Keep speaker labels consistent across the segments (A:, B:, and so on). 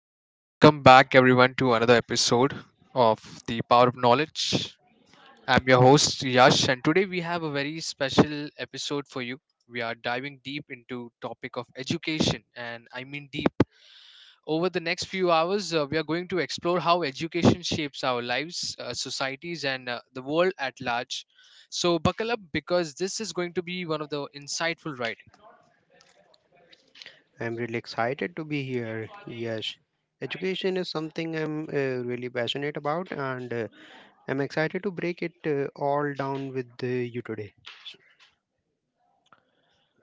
A: Hello, guys. Welcome back, everyone, to another episode of The Power of Knowledge. I'm your host, Yash, and today we have a very special episode for you. We are diving deep into topic of education, and I mean deep. Over the next few hours, we are going to explore how education shapes our lives, societies, and the world at large. So buckle up because this is going to be one of the insightful rides.
B: I'm really excited to be here. Yes, education is something I'm really passionate about, and I'm excited to break it all down with you today.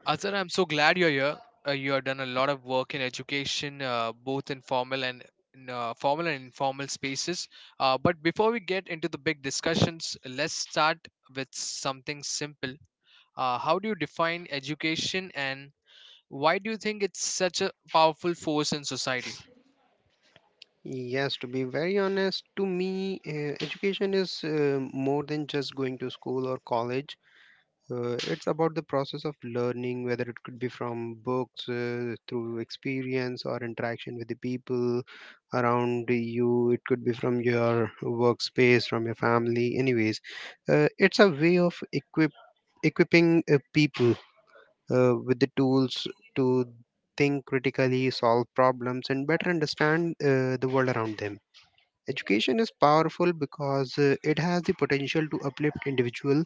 A: Azhar, I'm so glad you're here. You have done a lot of work in education, both in, formal and informal spaces. But before we get into the big discussions, let's start with something simple. How do you define education, and why do you think it's such a powerful force in society?
B: Yes, to be very honest, to me, education is more than just going to school or college. It's about the process of learning, whether it could be from books, through experience or interaction with the people around you. It could be from your workspace, from your family. Anyways, it's a way of equipping people with the tools to think critically, solve problems, and better understand the world around them. Education is powerful because it has the potential to uplift individuals,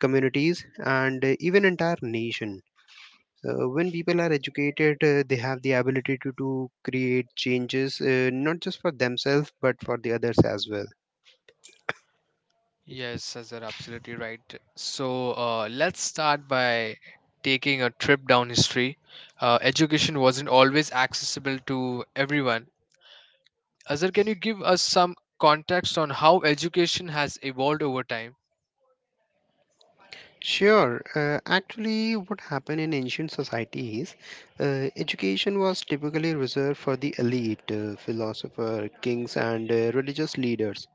B: communities, and even entire nation. When people are educated, they have the ability to create changes, not just for themselves, but for the others as well.
A: Yes, Azhar, absolutely right. So let's start by taking a trip down history. Education wasn't always accessible to everyone. Azhar, can you give us some context on how education has evolved over time?
B: Sure. Actually, what happened in ancient societies, education was typically reserved for the elite, philosopher, kings, and religious leaders.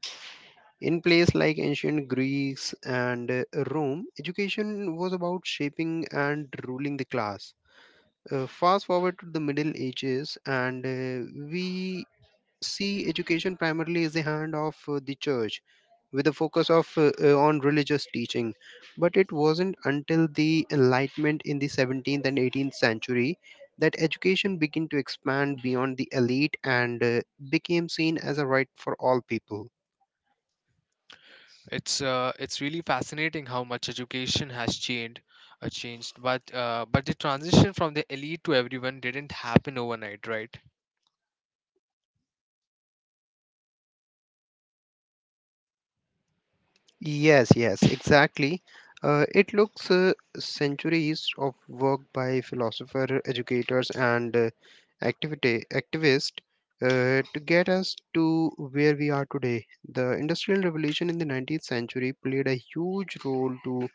B: In places like ancient Greece and Rome, education was about shaping and ruling the class. Fast forward to the Middle Ages, and we see education primarily as the hand of the church, with a focus of on religious teaching. But it wasn't until the Enlightenment in the 17th and 18th century that education began to expand beyond the elite and became seen as a right for all people.
A: It's really fascinating how much education has changed, But the transition from the elite to everyone didn't happen overnight, right?
B: Yes, yes, exactly. It looks centuries of work by philosopher, educators, and activity activists to get us to where we are today. The Industrial Revolution in the 19th century played a huge role to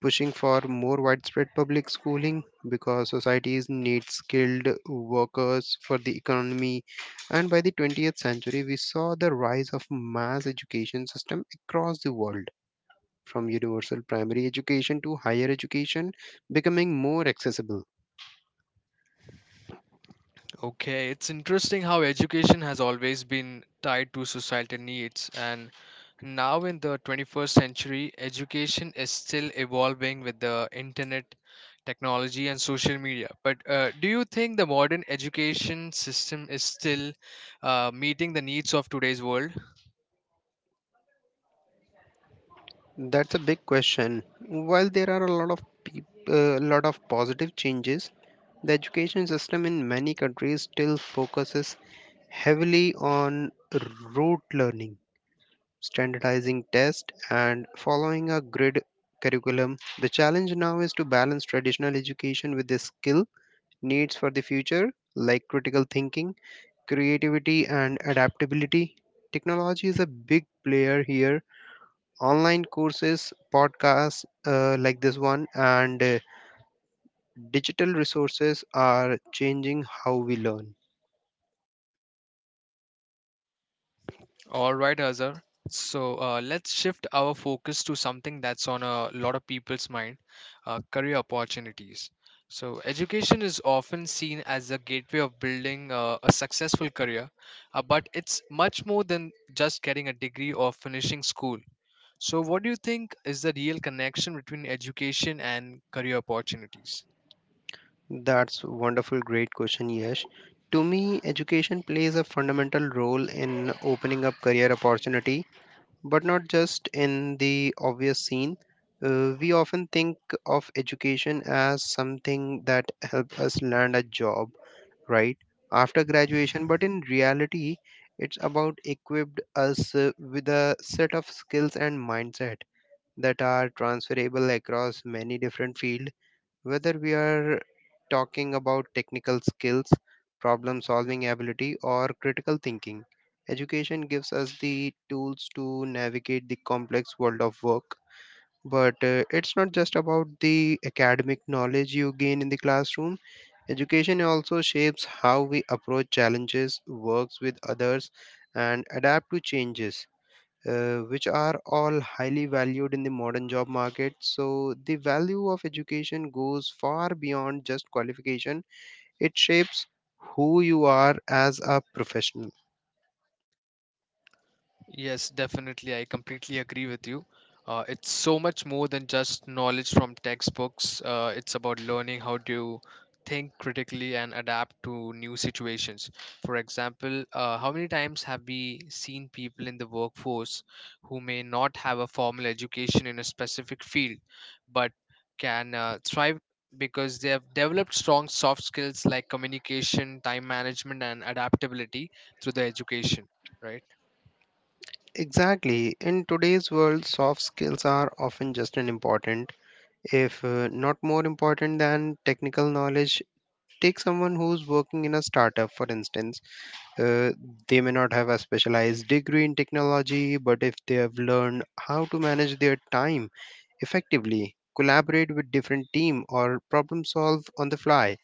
B: pushing for more widespread public schooling because societies need skilled workers for the economy. And by the 20th century, we saw the rise of mass education system across the world, from universal primary education to higher education becoming more accessible.
A: Okay, it's interesting how education has always been tied to societal needs, and now in the 21st century, education is still evolving with the internet, technology, and social media. But do you think the modern education system is still meeting the needs of today's world?
B: That's a big question. While there are a lot of positive changes, the education system in many countries still focuses heavily on rote learning, standardizing tests, and following a grid curriculum. The challenge now is to balance traditional education with the skill needs for the future, like critical thinking, creativity and adaptability. Technology is a big player here. Online courses, podcasts like this one, and digital resources are changing how we learn.
A: All right, Azhar. So let's shift our focus to something that's on a lot of people's mind, career opportunities. So, education is often seen as a gateway of building a successful career, but it's much more than just getting a degree or finishing school. So, what do you think is the real connection between education and career opportunities?
B: That's wonderful, great question, Yash. To me, education plays a fundamental role in opening up career opportunity, but not just in the obvious scene. We often think of education as something that helps us land a job right after graduation, but in reality it's about equipped us with a set of skills and mindset that are transferable across many different fields, whether we are talking about technical skills, problem solving ability or critical thinking. Education gives us the tools to navigate the complex world of work, but it's not just about the academic knowledge you gain in the classroom. Education also shapes how we approach challenges, works with others, and adapt to changes, which are all highly valued in the modern job market. So, the value of education goes far beyond just qualification, it shapes who you are as a professional.
A: Yes, definitely. I completely agree with you. It's so much more than just knowledge from textbooks. It's about learning how to think critically and adapt to new situations. For example, how many times have we seen people in the workforce who may not have a formal education in a specific field, but can thrive because they have developed strong soft skills like communication, time management, and adaptability through their education, right?
B: Exactly. In today's world, soft skills are often just as important, if not more important than technical knowledge. Take someone who's working in a startup, for instance. Uh, they may not have a specialized degree in technology, but if they have learned how to manage their time effectively, collaborate with different team or problem solve on the fly,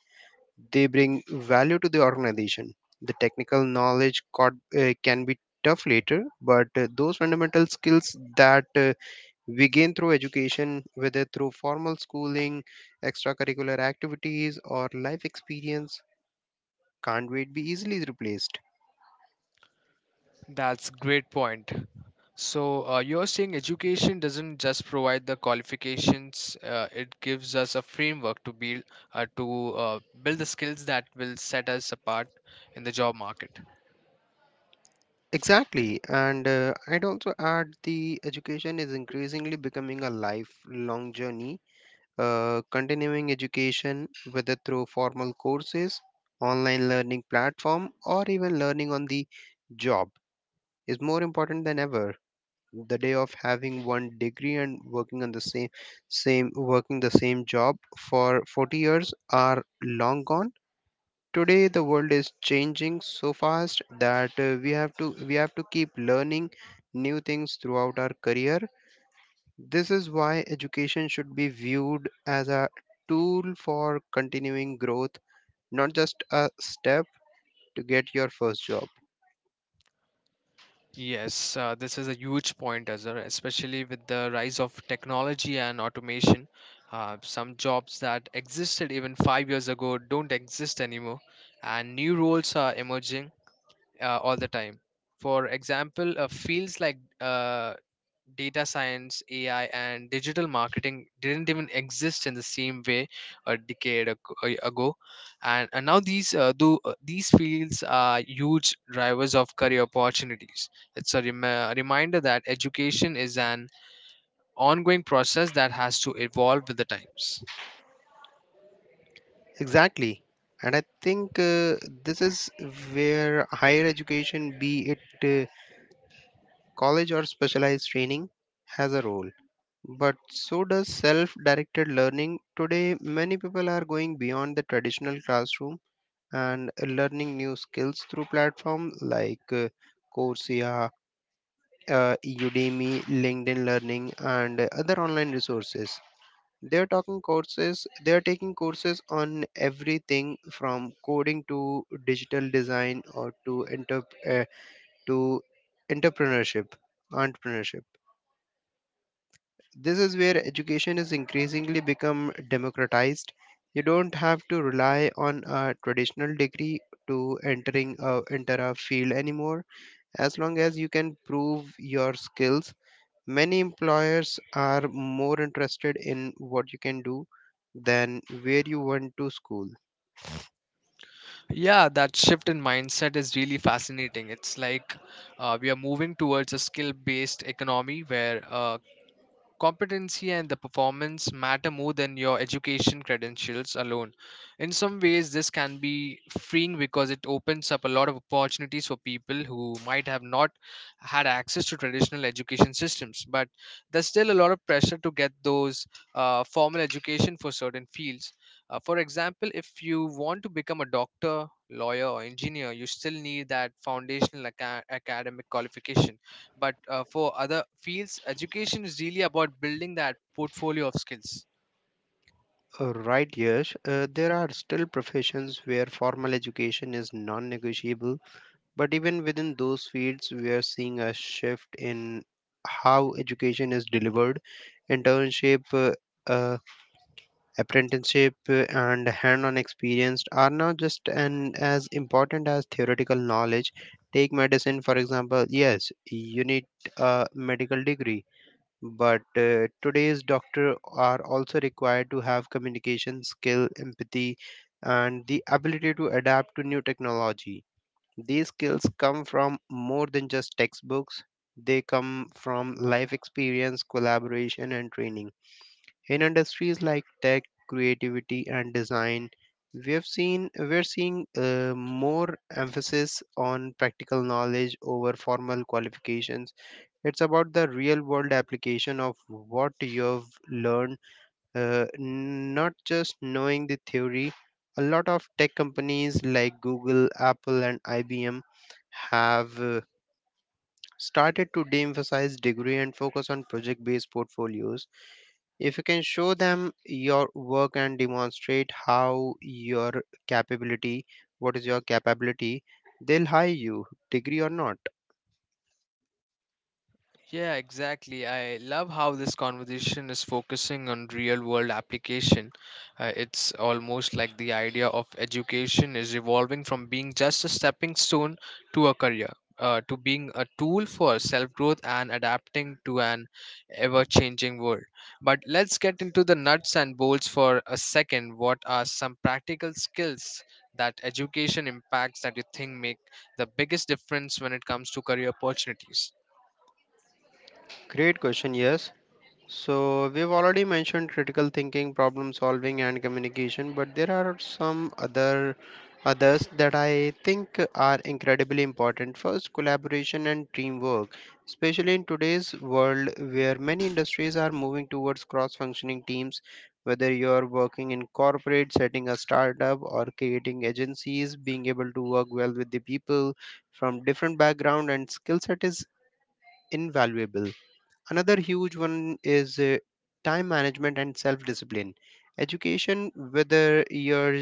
B: they bring value to the organization. The technical knowledge caught, can be tough later, but those fundamental skills that we gain through education, whether through formal schooling, extracurricular activities, or life experience, can't wait be easily replaced.
A: That's great point. So you're saying education doesn't just provide the qualifications; it gives us a framework to build the skills that will set us apart in the job market.
B: Exactly, and I'd also add the education is increasingly becoming a lifelong journey. Continuing education, whether through formal courses, online learning platform, or even learning on the job, is more important than ever. The day of having one degree and working the same job for 40 years are long gone. Today the world is changing so fast that we have to keep learning new things throughout our career. This is why education should be viewed as a tool for continuing growth, not just a step to get your first job.
A: Yes, this is a huge point, Azhar, especially with the rise of technology and automation. Some jobs that existed even 5 years ago don't exist anymore, and new roles are emerging all the time. For example, fields like data science, AI, and digital marketing didn't even exist in the same way a decade ag- a- ago, and now these fields are huge drivers of career opportunities. It's a reminder that education is an ongoing process that has to evolve with the times.
B: Exactly, and I think this is where higher education, be it college or specialized training, has a role. But so does self directed learning. Today, many people are going beyond the traditional classroom and learning new skills through platforms like Coursera, Udemy, LinkedIn Learning, and other online resources. They are talking courses. They are taking courses on everything from coding to digital design uh, to entrepreneurship, entrepreneurship. This is where education is increasingly become democratized. You don't have to rely on a traditional degree to enter a field anymore. As long as you can prove your skills, many employers are more interested in what you can do than where you went to school.
A: Yeah, that shift in mindset is really fascinating. It's like we are moving towards a skill based economy where competency and the performance matter more than your education credentials alone. In some ways, this can be freeing because it opens up a lot of opportunities for people who might have not had access to traditional education systems. But there's still a lot of pressure to get those formal education for certain fields. For example, if you want to become a doctor, lawyer, or engineer, you still need that foundational academic qualification, but for other fields, education is really about building that portfolio of skills.
B: Right, Yash. There are still professions where formal education is non negotiable. But even within those fields, we are seeing a shift in how education is delivered. Internship, uh, apprenticeship, and hand on experience are now just as important as theoretical knowledge. Take medicine, for example. Yes, you need a medical degree, but today's doctor are also required to have communication skill, empathy, and the ability to adapt to new technology. These skills come from more than just textbooks, they come from life experience, collaboration, and training. In industries like tech, creativity, and design, we have seen we're seeing more emphasis on practical knowledge over formal qualifications. It's about the real world application of what you've learned, uh, not just knowing the theory. A lot of tech companies like Google, Apple, and IBM have started to de emphasize degree and focus on project based portfolios. If you can show them your work and demonstrate capability, what is your capability, they'll hire you, degree or not.
A: Yeah, exactly. I love how this conversation is focusing on real world application. It's almost like the idea of education is evolving from being just a stepping stone to a career, to being a tool for self growth and adapting to an ever changing world. But let's get into the nuts and bolts for a second. What are some practical skills that education impacts that you think make the biggest difference when it comes to career opportunities?
B: Great question, yes. So, we've already mentioned critical thinking, problem solving, and communication, but there are some other others that I think are incredibly important. First, collaboration and teamwork, especially in today's world where many industries are moving towards cross functioning teams. Whether you're working in corporate, setting a startup, or creating agencies, being able to work well with the people from different background and skill set is invaluable. Another huge one is time management and self discipline. Education, whether you're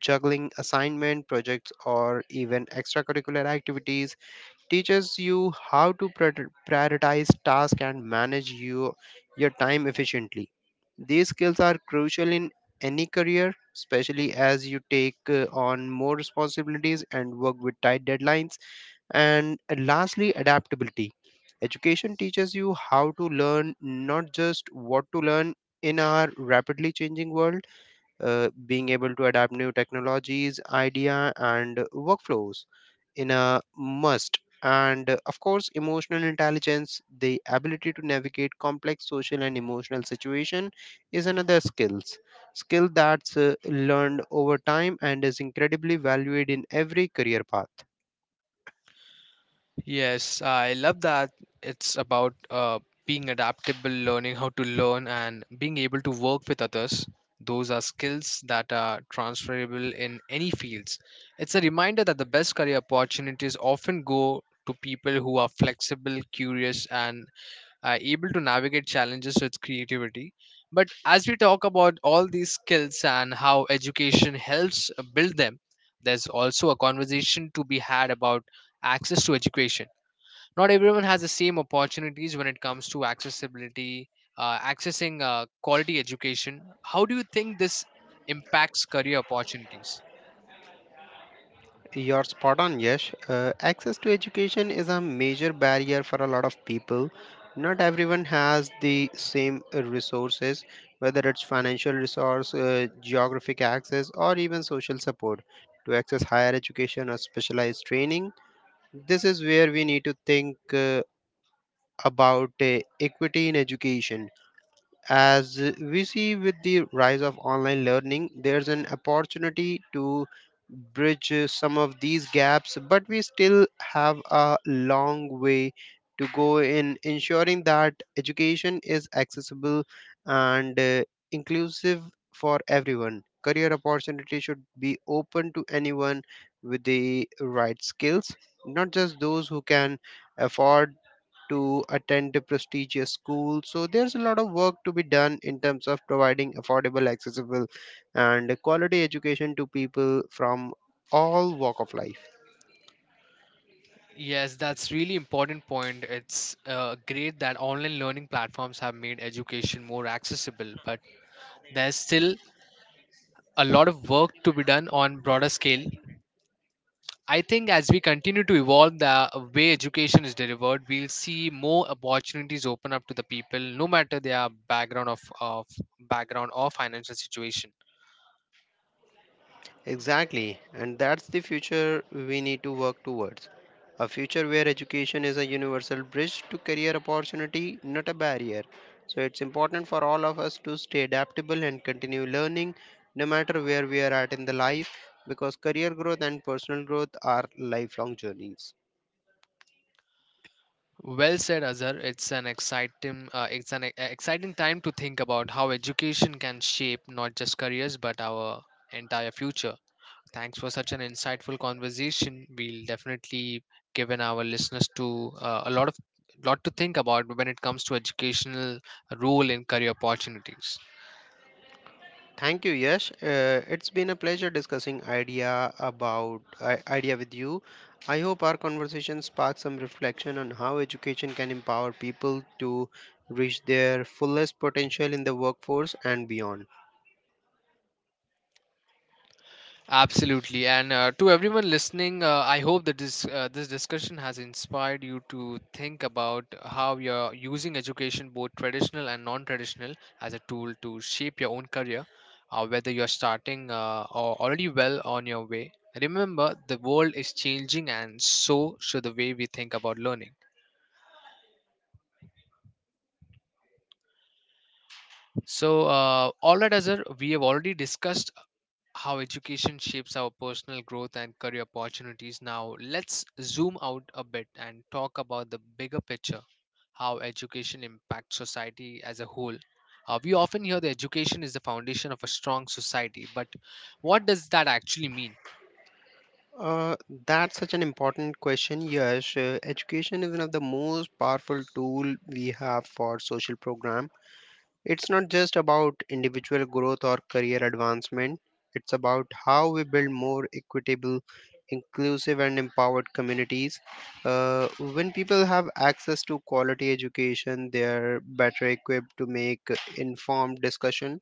B: juggling assignment, projects, or even extracurricular activities, teaches you how to prioritize tasks and manage your time efficiently. These skills are crucial in any career, especially as you take on more responsibilities and work with tight deadlines. And lastly, adaptability. Education teaches you how to learn, not just what to learn in our rapidly changing world. Being able to adapt new technologies, idea, and workflows in a must. And of course, emotional intelligence, the ability to navigate complex social and emotional situation, is another skills skill that's learned over time and is incredibly valued in every career path.
A: Yes, I love that. It's about being adaptable, learning how to learn, and being able to work with others. Those are skills that are transferable in any fields. It's a reminder that the best career opportunities often go to people who are flexible, curious, and are able to navigate challenges with creativity. But as we talk about all these skills and how education helps build them, there's also a conversation to be had about access to education. Not everyone has the same opportunities when it comes to accessibility accessing quality education. How do you think this impacts career opportunities?
B: You're spot on, Yash. Access to education is a major barrier for a lot of people. Not everyone has the same resources, whether it's financial resource, geographic access, or even social support to access higher education or specialized training. This is where we need to think about equity in education. As we see with the rise of online learning, there's an opportunity to bridge some of these gaps, but we still have a long way to go in ensuring that education is accessible and inclusive for everyone. Career opportunity should be open to anyone with the right skills, not just those who can afford to attend a prestigious school. So there's a lot of work to be done in terms of providing affordable, accessible, and quality education to people from all walk of life.
A: Yes, that's really important point. It's great that online learning platforms have made education more accessible, but there's still a lot of work to be done on broader scale. I think as we continue to evolve the way education is delivered, we'll see more opportunities open up to the people, no matter their background of background or financial situation.
B: Exactly, and that's the future we need to work towards. A future where education is a universal bridge to career opportunity, not a barrier. So it's important for all of us to stay adaptable and continue learning no matter where we are at in the life, because career growth and personal growth are lifelong journeys.
A: Well said, Azhar. It's an exciting time to think about how education can shape not just careers but our entire future. Thanks for such an insightful conversation. We'll definitely given our listeners to a lot of lot to think about when it comes to educational role in career opportunities.
B: Thank you, Yash. It's been a pleasure discussing idea with you. I hope our conversation sparks some reflection on how education can empower people to reach their fullest potential in the workforce and beyond.
A: Absolutely, and to everyone listening, I hope that this discussion has inspired you to think about how you're using education, both traditional and non-traditional, as a tool to shape your own career, whether you're starting or already well on your way. Remember, the world is changing, and so should the way we think about learning. So, all right, Azhar, we have already discussed how education shapes our personal growth and career opportunities. Now, let's zoom out a bit and talk about the bigger picture. How education impacts society as a whole. We often hear that education is the foundation of a strong society, but what does that actually mean?
B: Uh, that's such an important question, Yash. Education is one of the most powerful tool we have for social programs. It's not just about individual growth or career advancement, it's about how we build more equitable, inclusive, and empowered communities. Uh, when people have access to quality education, they are better equipped to make informed discussion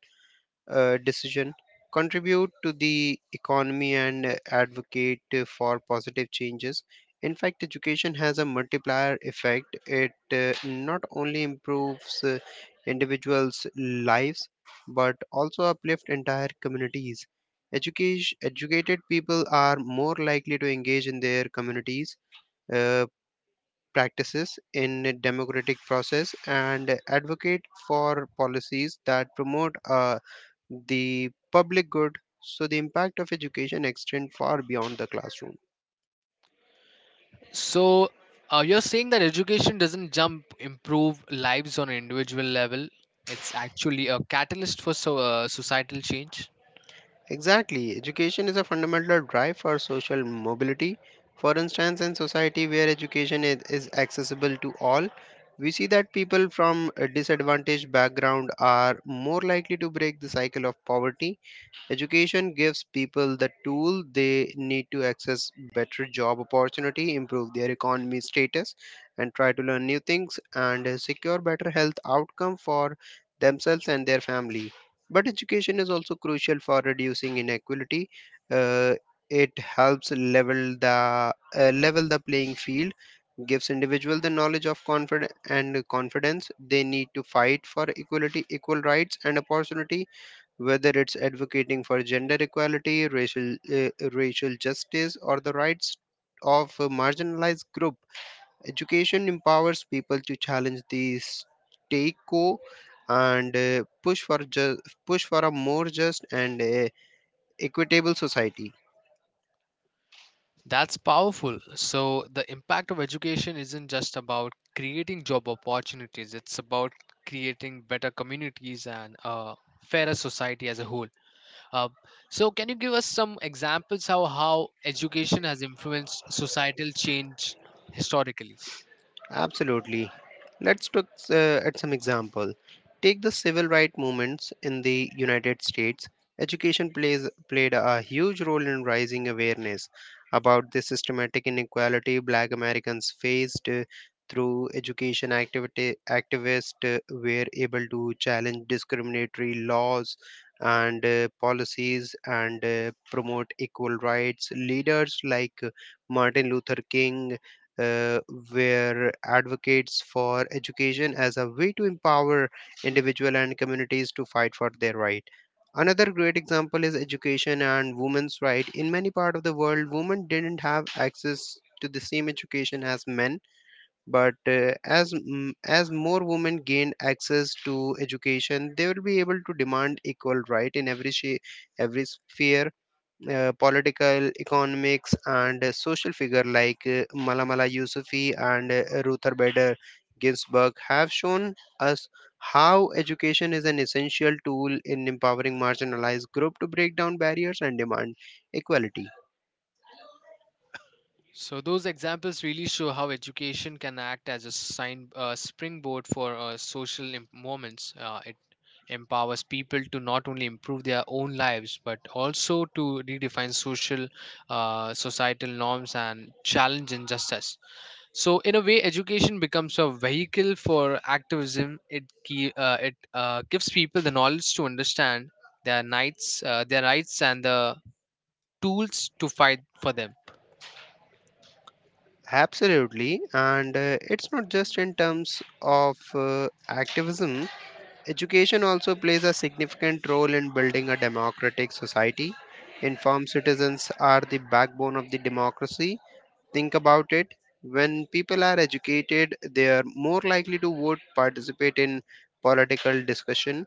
B: decision, contribute to the economy, and advocate for positive changes. In fact, education has a multiplier effect. It not only improves individuals' lives but also uplift entire communities. Educated people are more likely to engage in their communities. Uh, Practices in a democratic process and advocate for policies that promote a the public good. So the impact of education extends far beyond the classroom.
A: So, you're saying that education doesn't jump improve lives on an individual level, it's actually a catalyst for societal change.
B: Exactly, education is a fundamental drive for social mobility. For instance, in society where education is accessible to all, we see that people from a disadvantaged background are more likely to break the cycle of poverty. Education gives people the tool they need to access better job opportunity, improve their economy status, and try to learn new things and secure better health outcome for themselves and their family. But education is also crucial for reducing inequality. Uh, it helps level the playing field, gives individual the knowledge of confidence they need to fight for equality, equal rights and opportunity, whether it's advocating for gender equality, racial justice, or the rights of a marginalized group. Education empowers people to challenge the state quo and push for a more just and equitable society.
A: That's powerful. So, the impact of education isn't just about creating job opportunities, it's about creating better communities and a fairer society as a whole. Uh, so, can you give us some examples how education has influenced societal change historically?
B: Absolutely. Let's look at some example. Take the civil rights movements in the United States. Education plays played a huge role in raising awareness about the systematic inequality Black Americans faced, through education activity activists were able to challenge discriminatory laws and policies and promote equal rights. Leaders like Martin Luther King uh, where advocates for education as a way to empower individual and communities to fight for their right. Another great example is education and women's right. In many part of the world, women didn't have access to the same education as men, but as more women gained access to education, they will be able to demand equal right in every every sphere, political, economics, and social. Figure like Malamala Yousafzai and Ruther Bader Ginsburg have shown us how education is an essential tool in empowering marginalized groups to break down barriers and demand equality.
A: So those examples really show how education can act as a springboard for social moments. It empowers people to not only improve their own lives but also to redefine social, societal norms and challenge injustice. So in a way, education becomes a vehicle for activism. It gives people the knowledge to understand their rights, and the tools to fight for them.
B: Absolutely, and it's not just in terms of activism. Education also plays a significant role in building a democratic society. Informed citizens are the backbone of the democracy. Think about it. When people are educated, they are more likely to vote, participate in political discussion,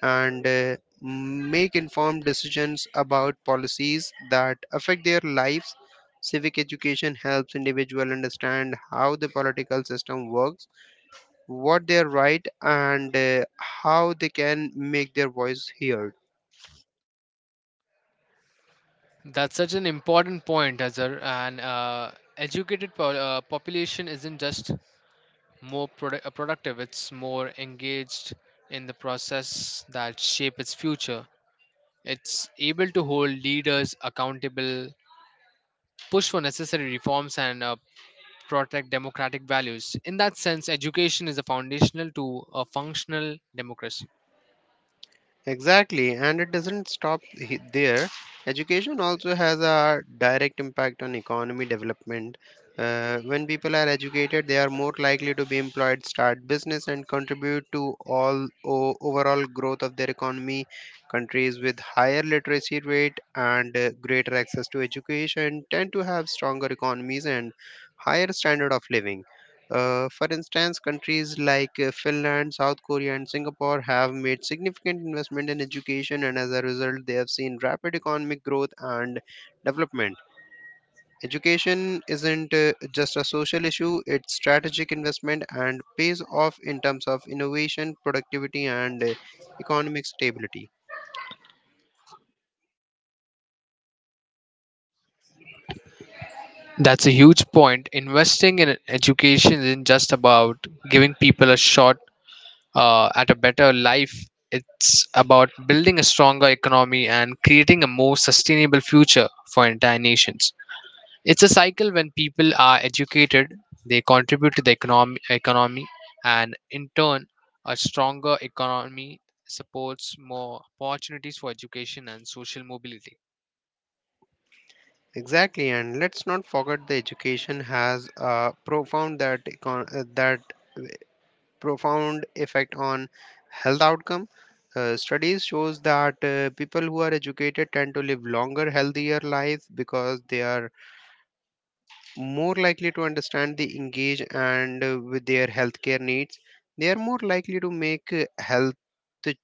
B: and make informed decisions about policies that affect their lives. Civic education helps individuals understand how the political system works, what they write, and how they can make their voice heard.
A: That's such an important point, Azhar. And educated population isn't just more productive; it's more engaged in the process that shape its future. It's able to hold leaders accountable, push for necessary reforms, and protect democratic values. In that sense, education is a foundational to a functional democracy.
B: Exactly, and it doesn't there. Education also has a direct impact on economy development. When people are educated, they are more likely to be employed, start business, and contribute to overall growth of their economy. Countries with higher literacy rate and greater access to education tend to have stronger economies and higher standard of living. For instance, countries like Finland, South Korea, and Singapore have made significant investment in education, and as a result, they have seen rapid economic growth and development. Education isn't just a social issue, it's strategic investment and pays off in terms of innovation, productivity, and economic stability.
A: That's a huge point. Investing in education isn't just about giving people a shot at a better life. It's about building a stronger economy and creating a more sustainable future for entire nations. It's a cycle. When people are educated, they contribute to the economy, and in turn, a stronger economy supports more opportunities for education and social mobility.
B: Exactly, and let's not forget the education has a profound that econ- that uh, profound effect on health outcome. Studies shows that people who are educated tend to live longer, healthier lives because they are more likely to understand the engage and with their healthcare needs. They are more likely to make health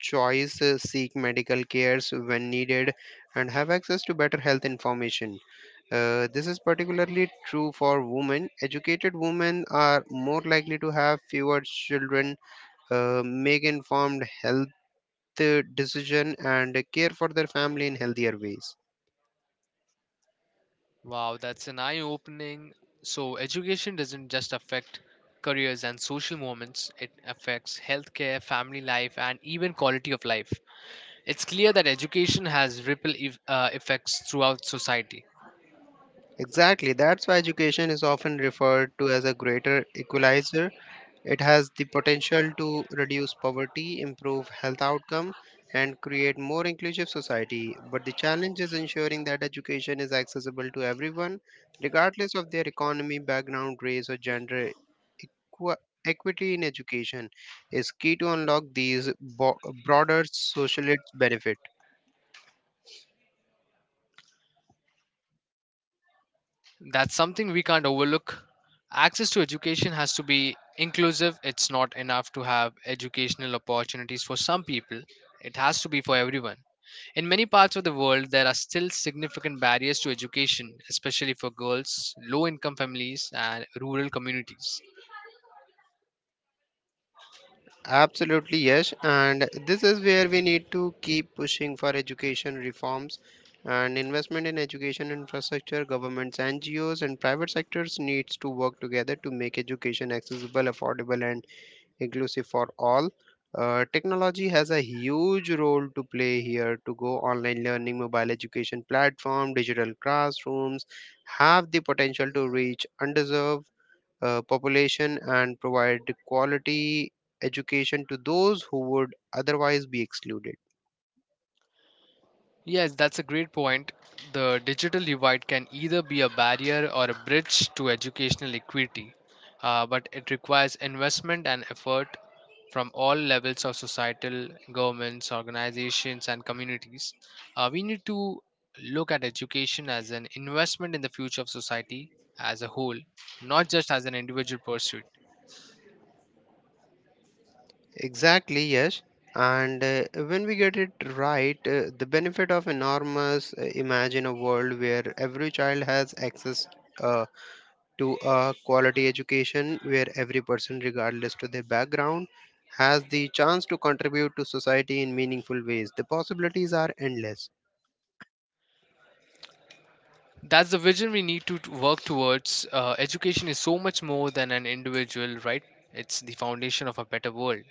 B: choice, seek medical cares when needed, and have access to better health information. This is particularly true for women. Educated women are more likely to have fewer children, make informed health decision and care for their family in healthier ways.
A: Wow, that's an eye opening. So, education doesn't just affect careers and social moments; it affects healthcare, family life, and even quality of life. It's clear that education has ripple effects throughout society.
B: Exactly, that's why education is often referred to as a greater equalizer. It has the potential to reduce poverty, improve health outcome, and create more inclusive society. But the challenge is ensuring that education is accessible to everyone, regardless of their economy, background, race, or gender. Equa- Equity in education is key to unlock broader social benefits.
A: That's something we can't overlook. Access to education has to be inclusive. It's not enough to have educational opportunities for some people, it has to be for everyone. In many parts of the world, there are still significant barriers to education, especially for girls, low income families, and rural communities.
B: Absolutely, yes. And this is where we need to keep pushing for education reforms and investment in education infrastructure. Governments, NGOs, and private sectors needs to work together to make education accessible, affordable, and inclusive for all. Technology has a huge role to play here to go online learning, mobile education platform, digital classrooms have the potential to reach underserved population and provide quality education to those who would otherwise be excluded.
A: Yes, that's a great point. The digital divide can either be a barrier or a bridge to educational equity, but it requires investment and effort from all levels of societal governments, organizations, and communities. We need to look at education as an investment in the future of society as a whole, not just as an individual pursuit.
B: Exactly, yes. And when we get it right, the benefit of enormous. Imagine a world where every child has access uh, to a quality education, where every person, regardless to their background, has the chance to contribute to society in meaningful ways. The possibilities are endless.
A: That's the vision we need to work towards. Education is so much more than an individual right. It's the foundation of a better world.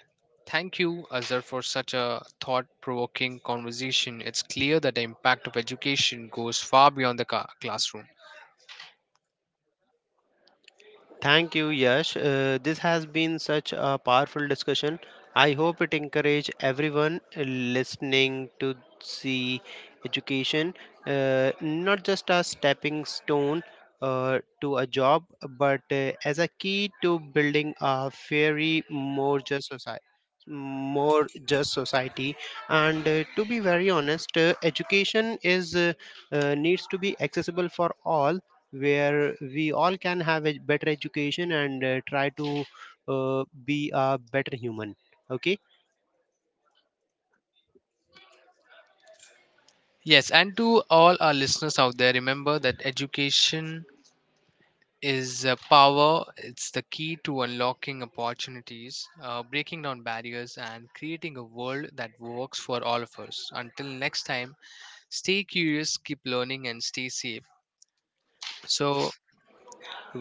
A: Thank you, Azhar, for such a thought-provoking conversation. It's clear that the impact of education goes far beyond the classroom.
B: Thank you, Yash. This has been such a powerful discussion. I hope it encourage everyone listening to see education not just a stepping stone to a job, but as a key to building a fairy, more just society. More just society, and to be very honest, education is needs to be accessible for all, where we all can have a better education and try to be a better human. Okay.
A: Yes, and to all our listeners out there, remember that education is a power. It's the key to unlocking opportunities, breaking down barriers, and creating a world that works for all of us. Until next time, stay curious, keep learning, and stay safe. So,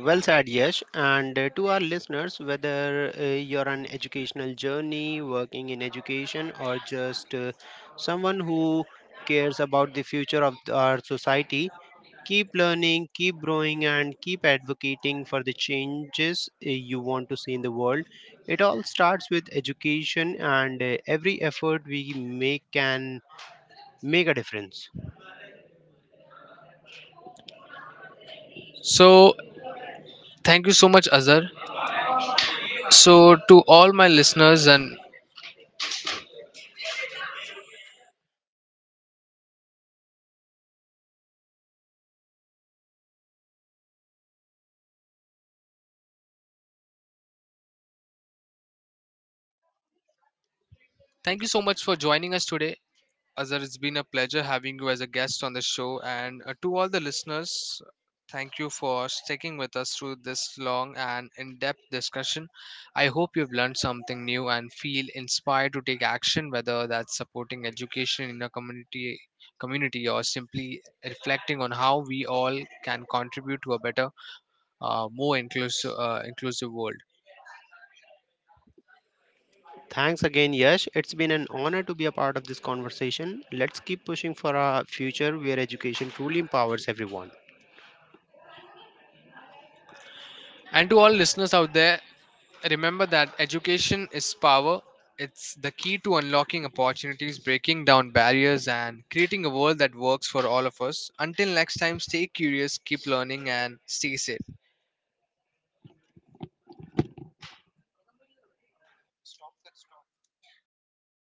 B: Well said. Yes, and to our listeners, whether you're on educational journey, working in education, or just someone who cares about the future of our society, keep learning, keep growing, and keep advocating for the changes you want to see in the world. It all starts with education, and every effort we make can make a difference.
A: so, thank you so much, Azhar. So, to all my listeners, and thank you so much for joining us today. Azhar, it's been a pleasure having you as a guest on the show. And to all the listeners, thank you for sticking with us through this long and in depth discussion. I hope you've learned something new and feel inspired to take action, whether that's supporting education in a community or simply reflecting on how we all can contribute to a better, more inclusive world.
B: Thanks again, Yash. It's been an honor to be a part of this conversation. Let's keep pushing for a future where education truly empowers everyone.
A: And to all listeners out there, remember that education is power. It's the key to unlocking opportunities, breaking down barriers, and creating a world that works for all of us. Until next time, stay curious, keep learning, and stay safe.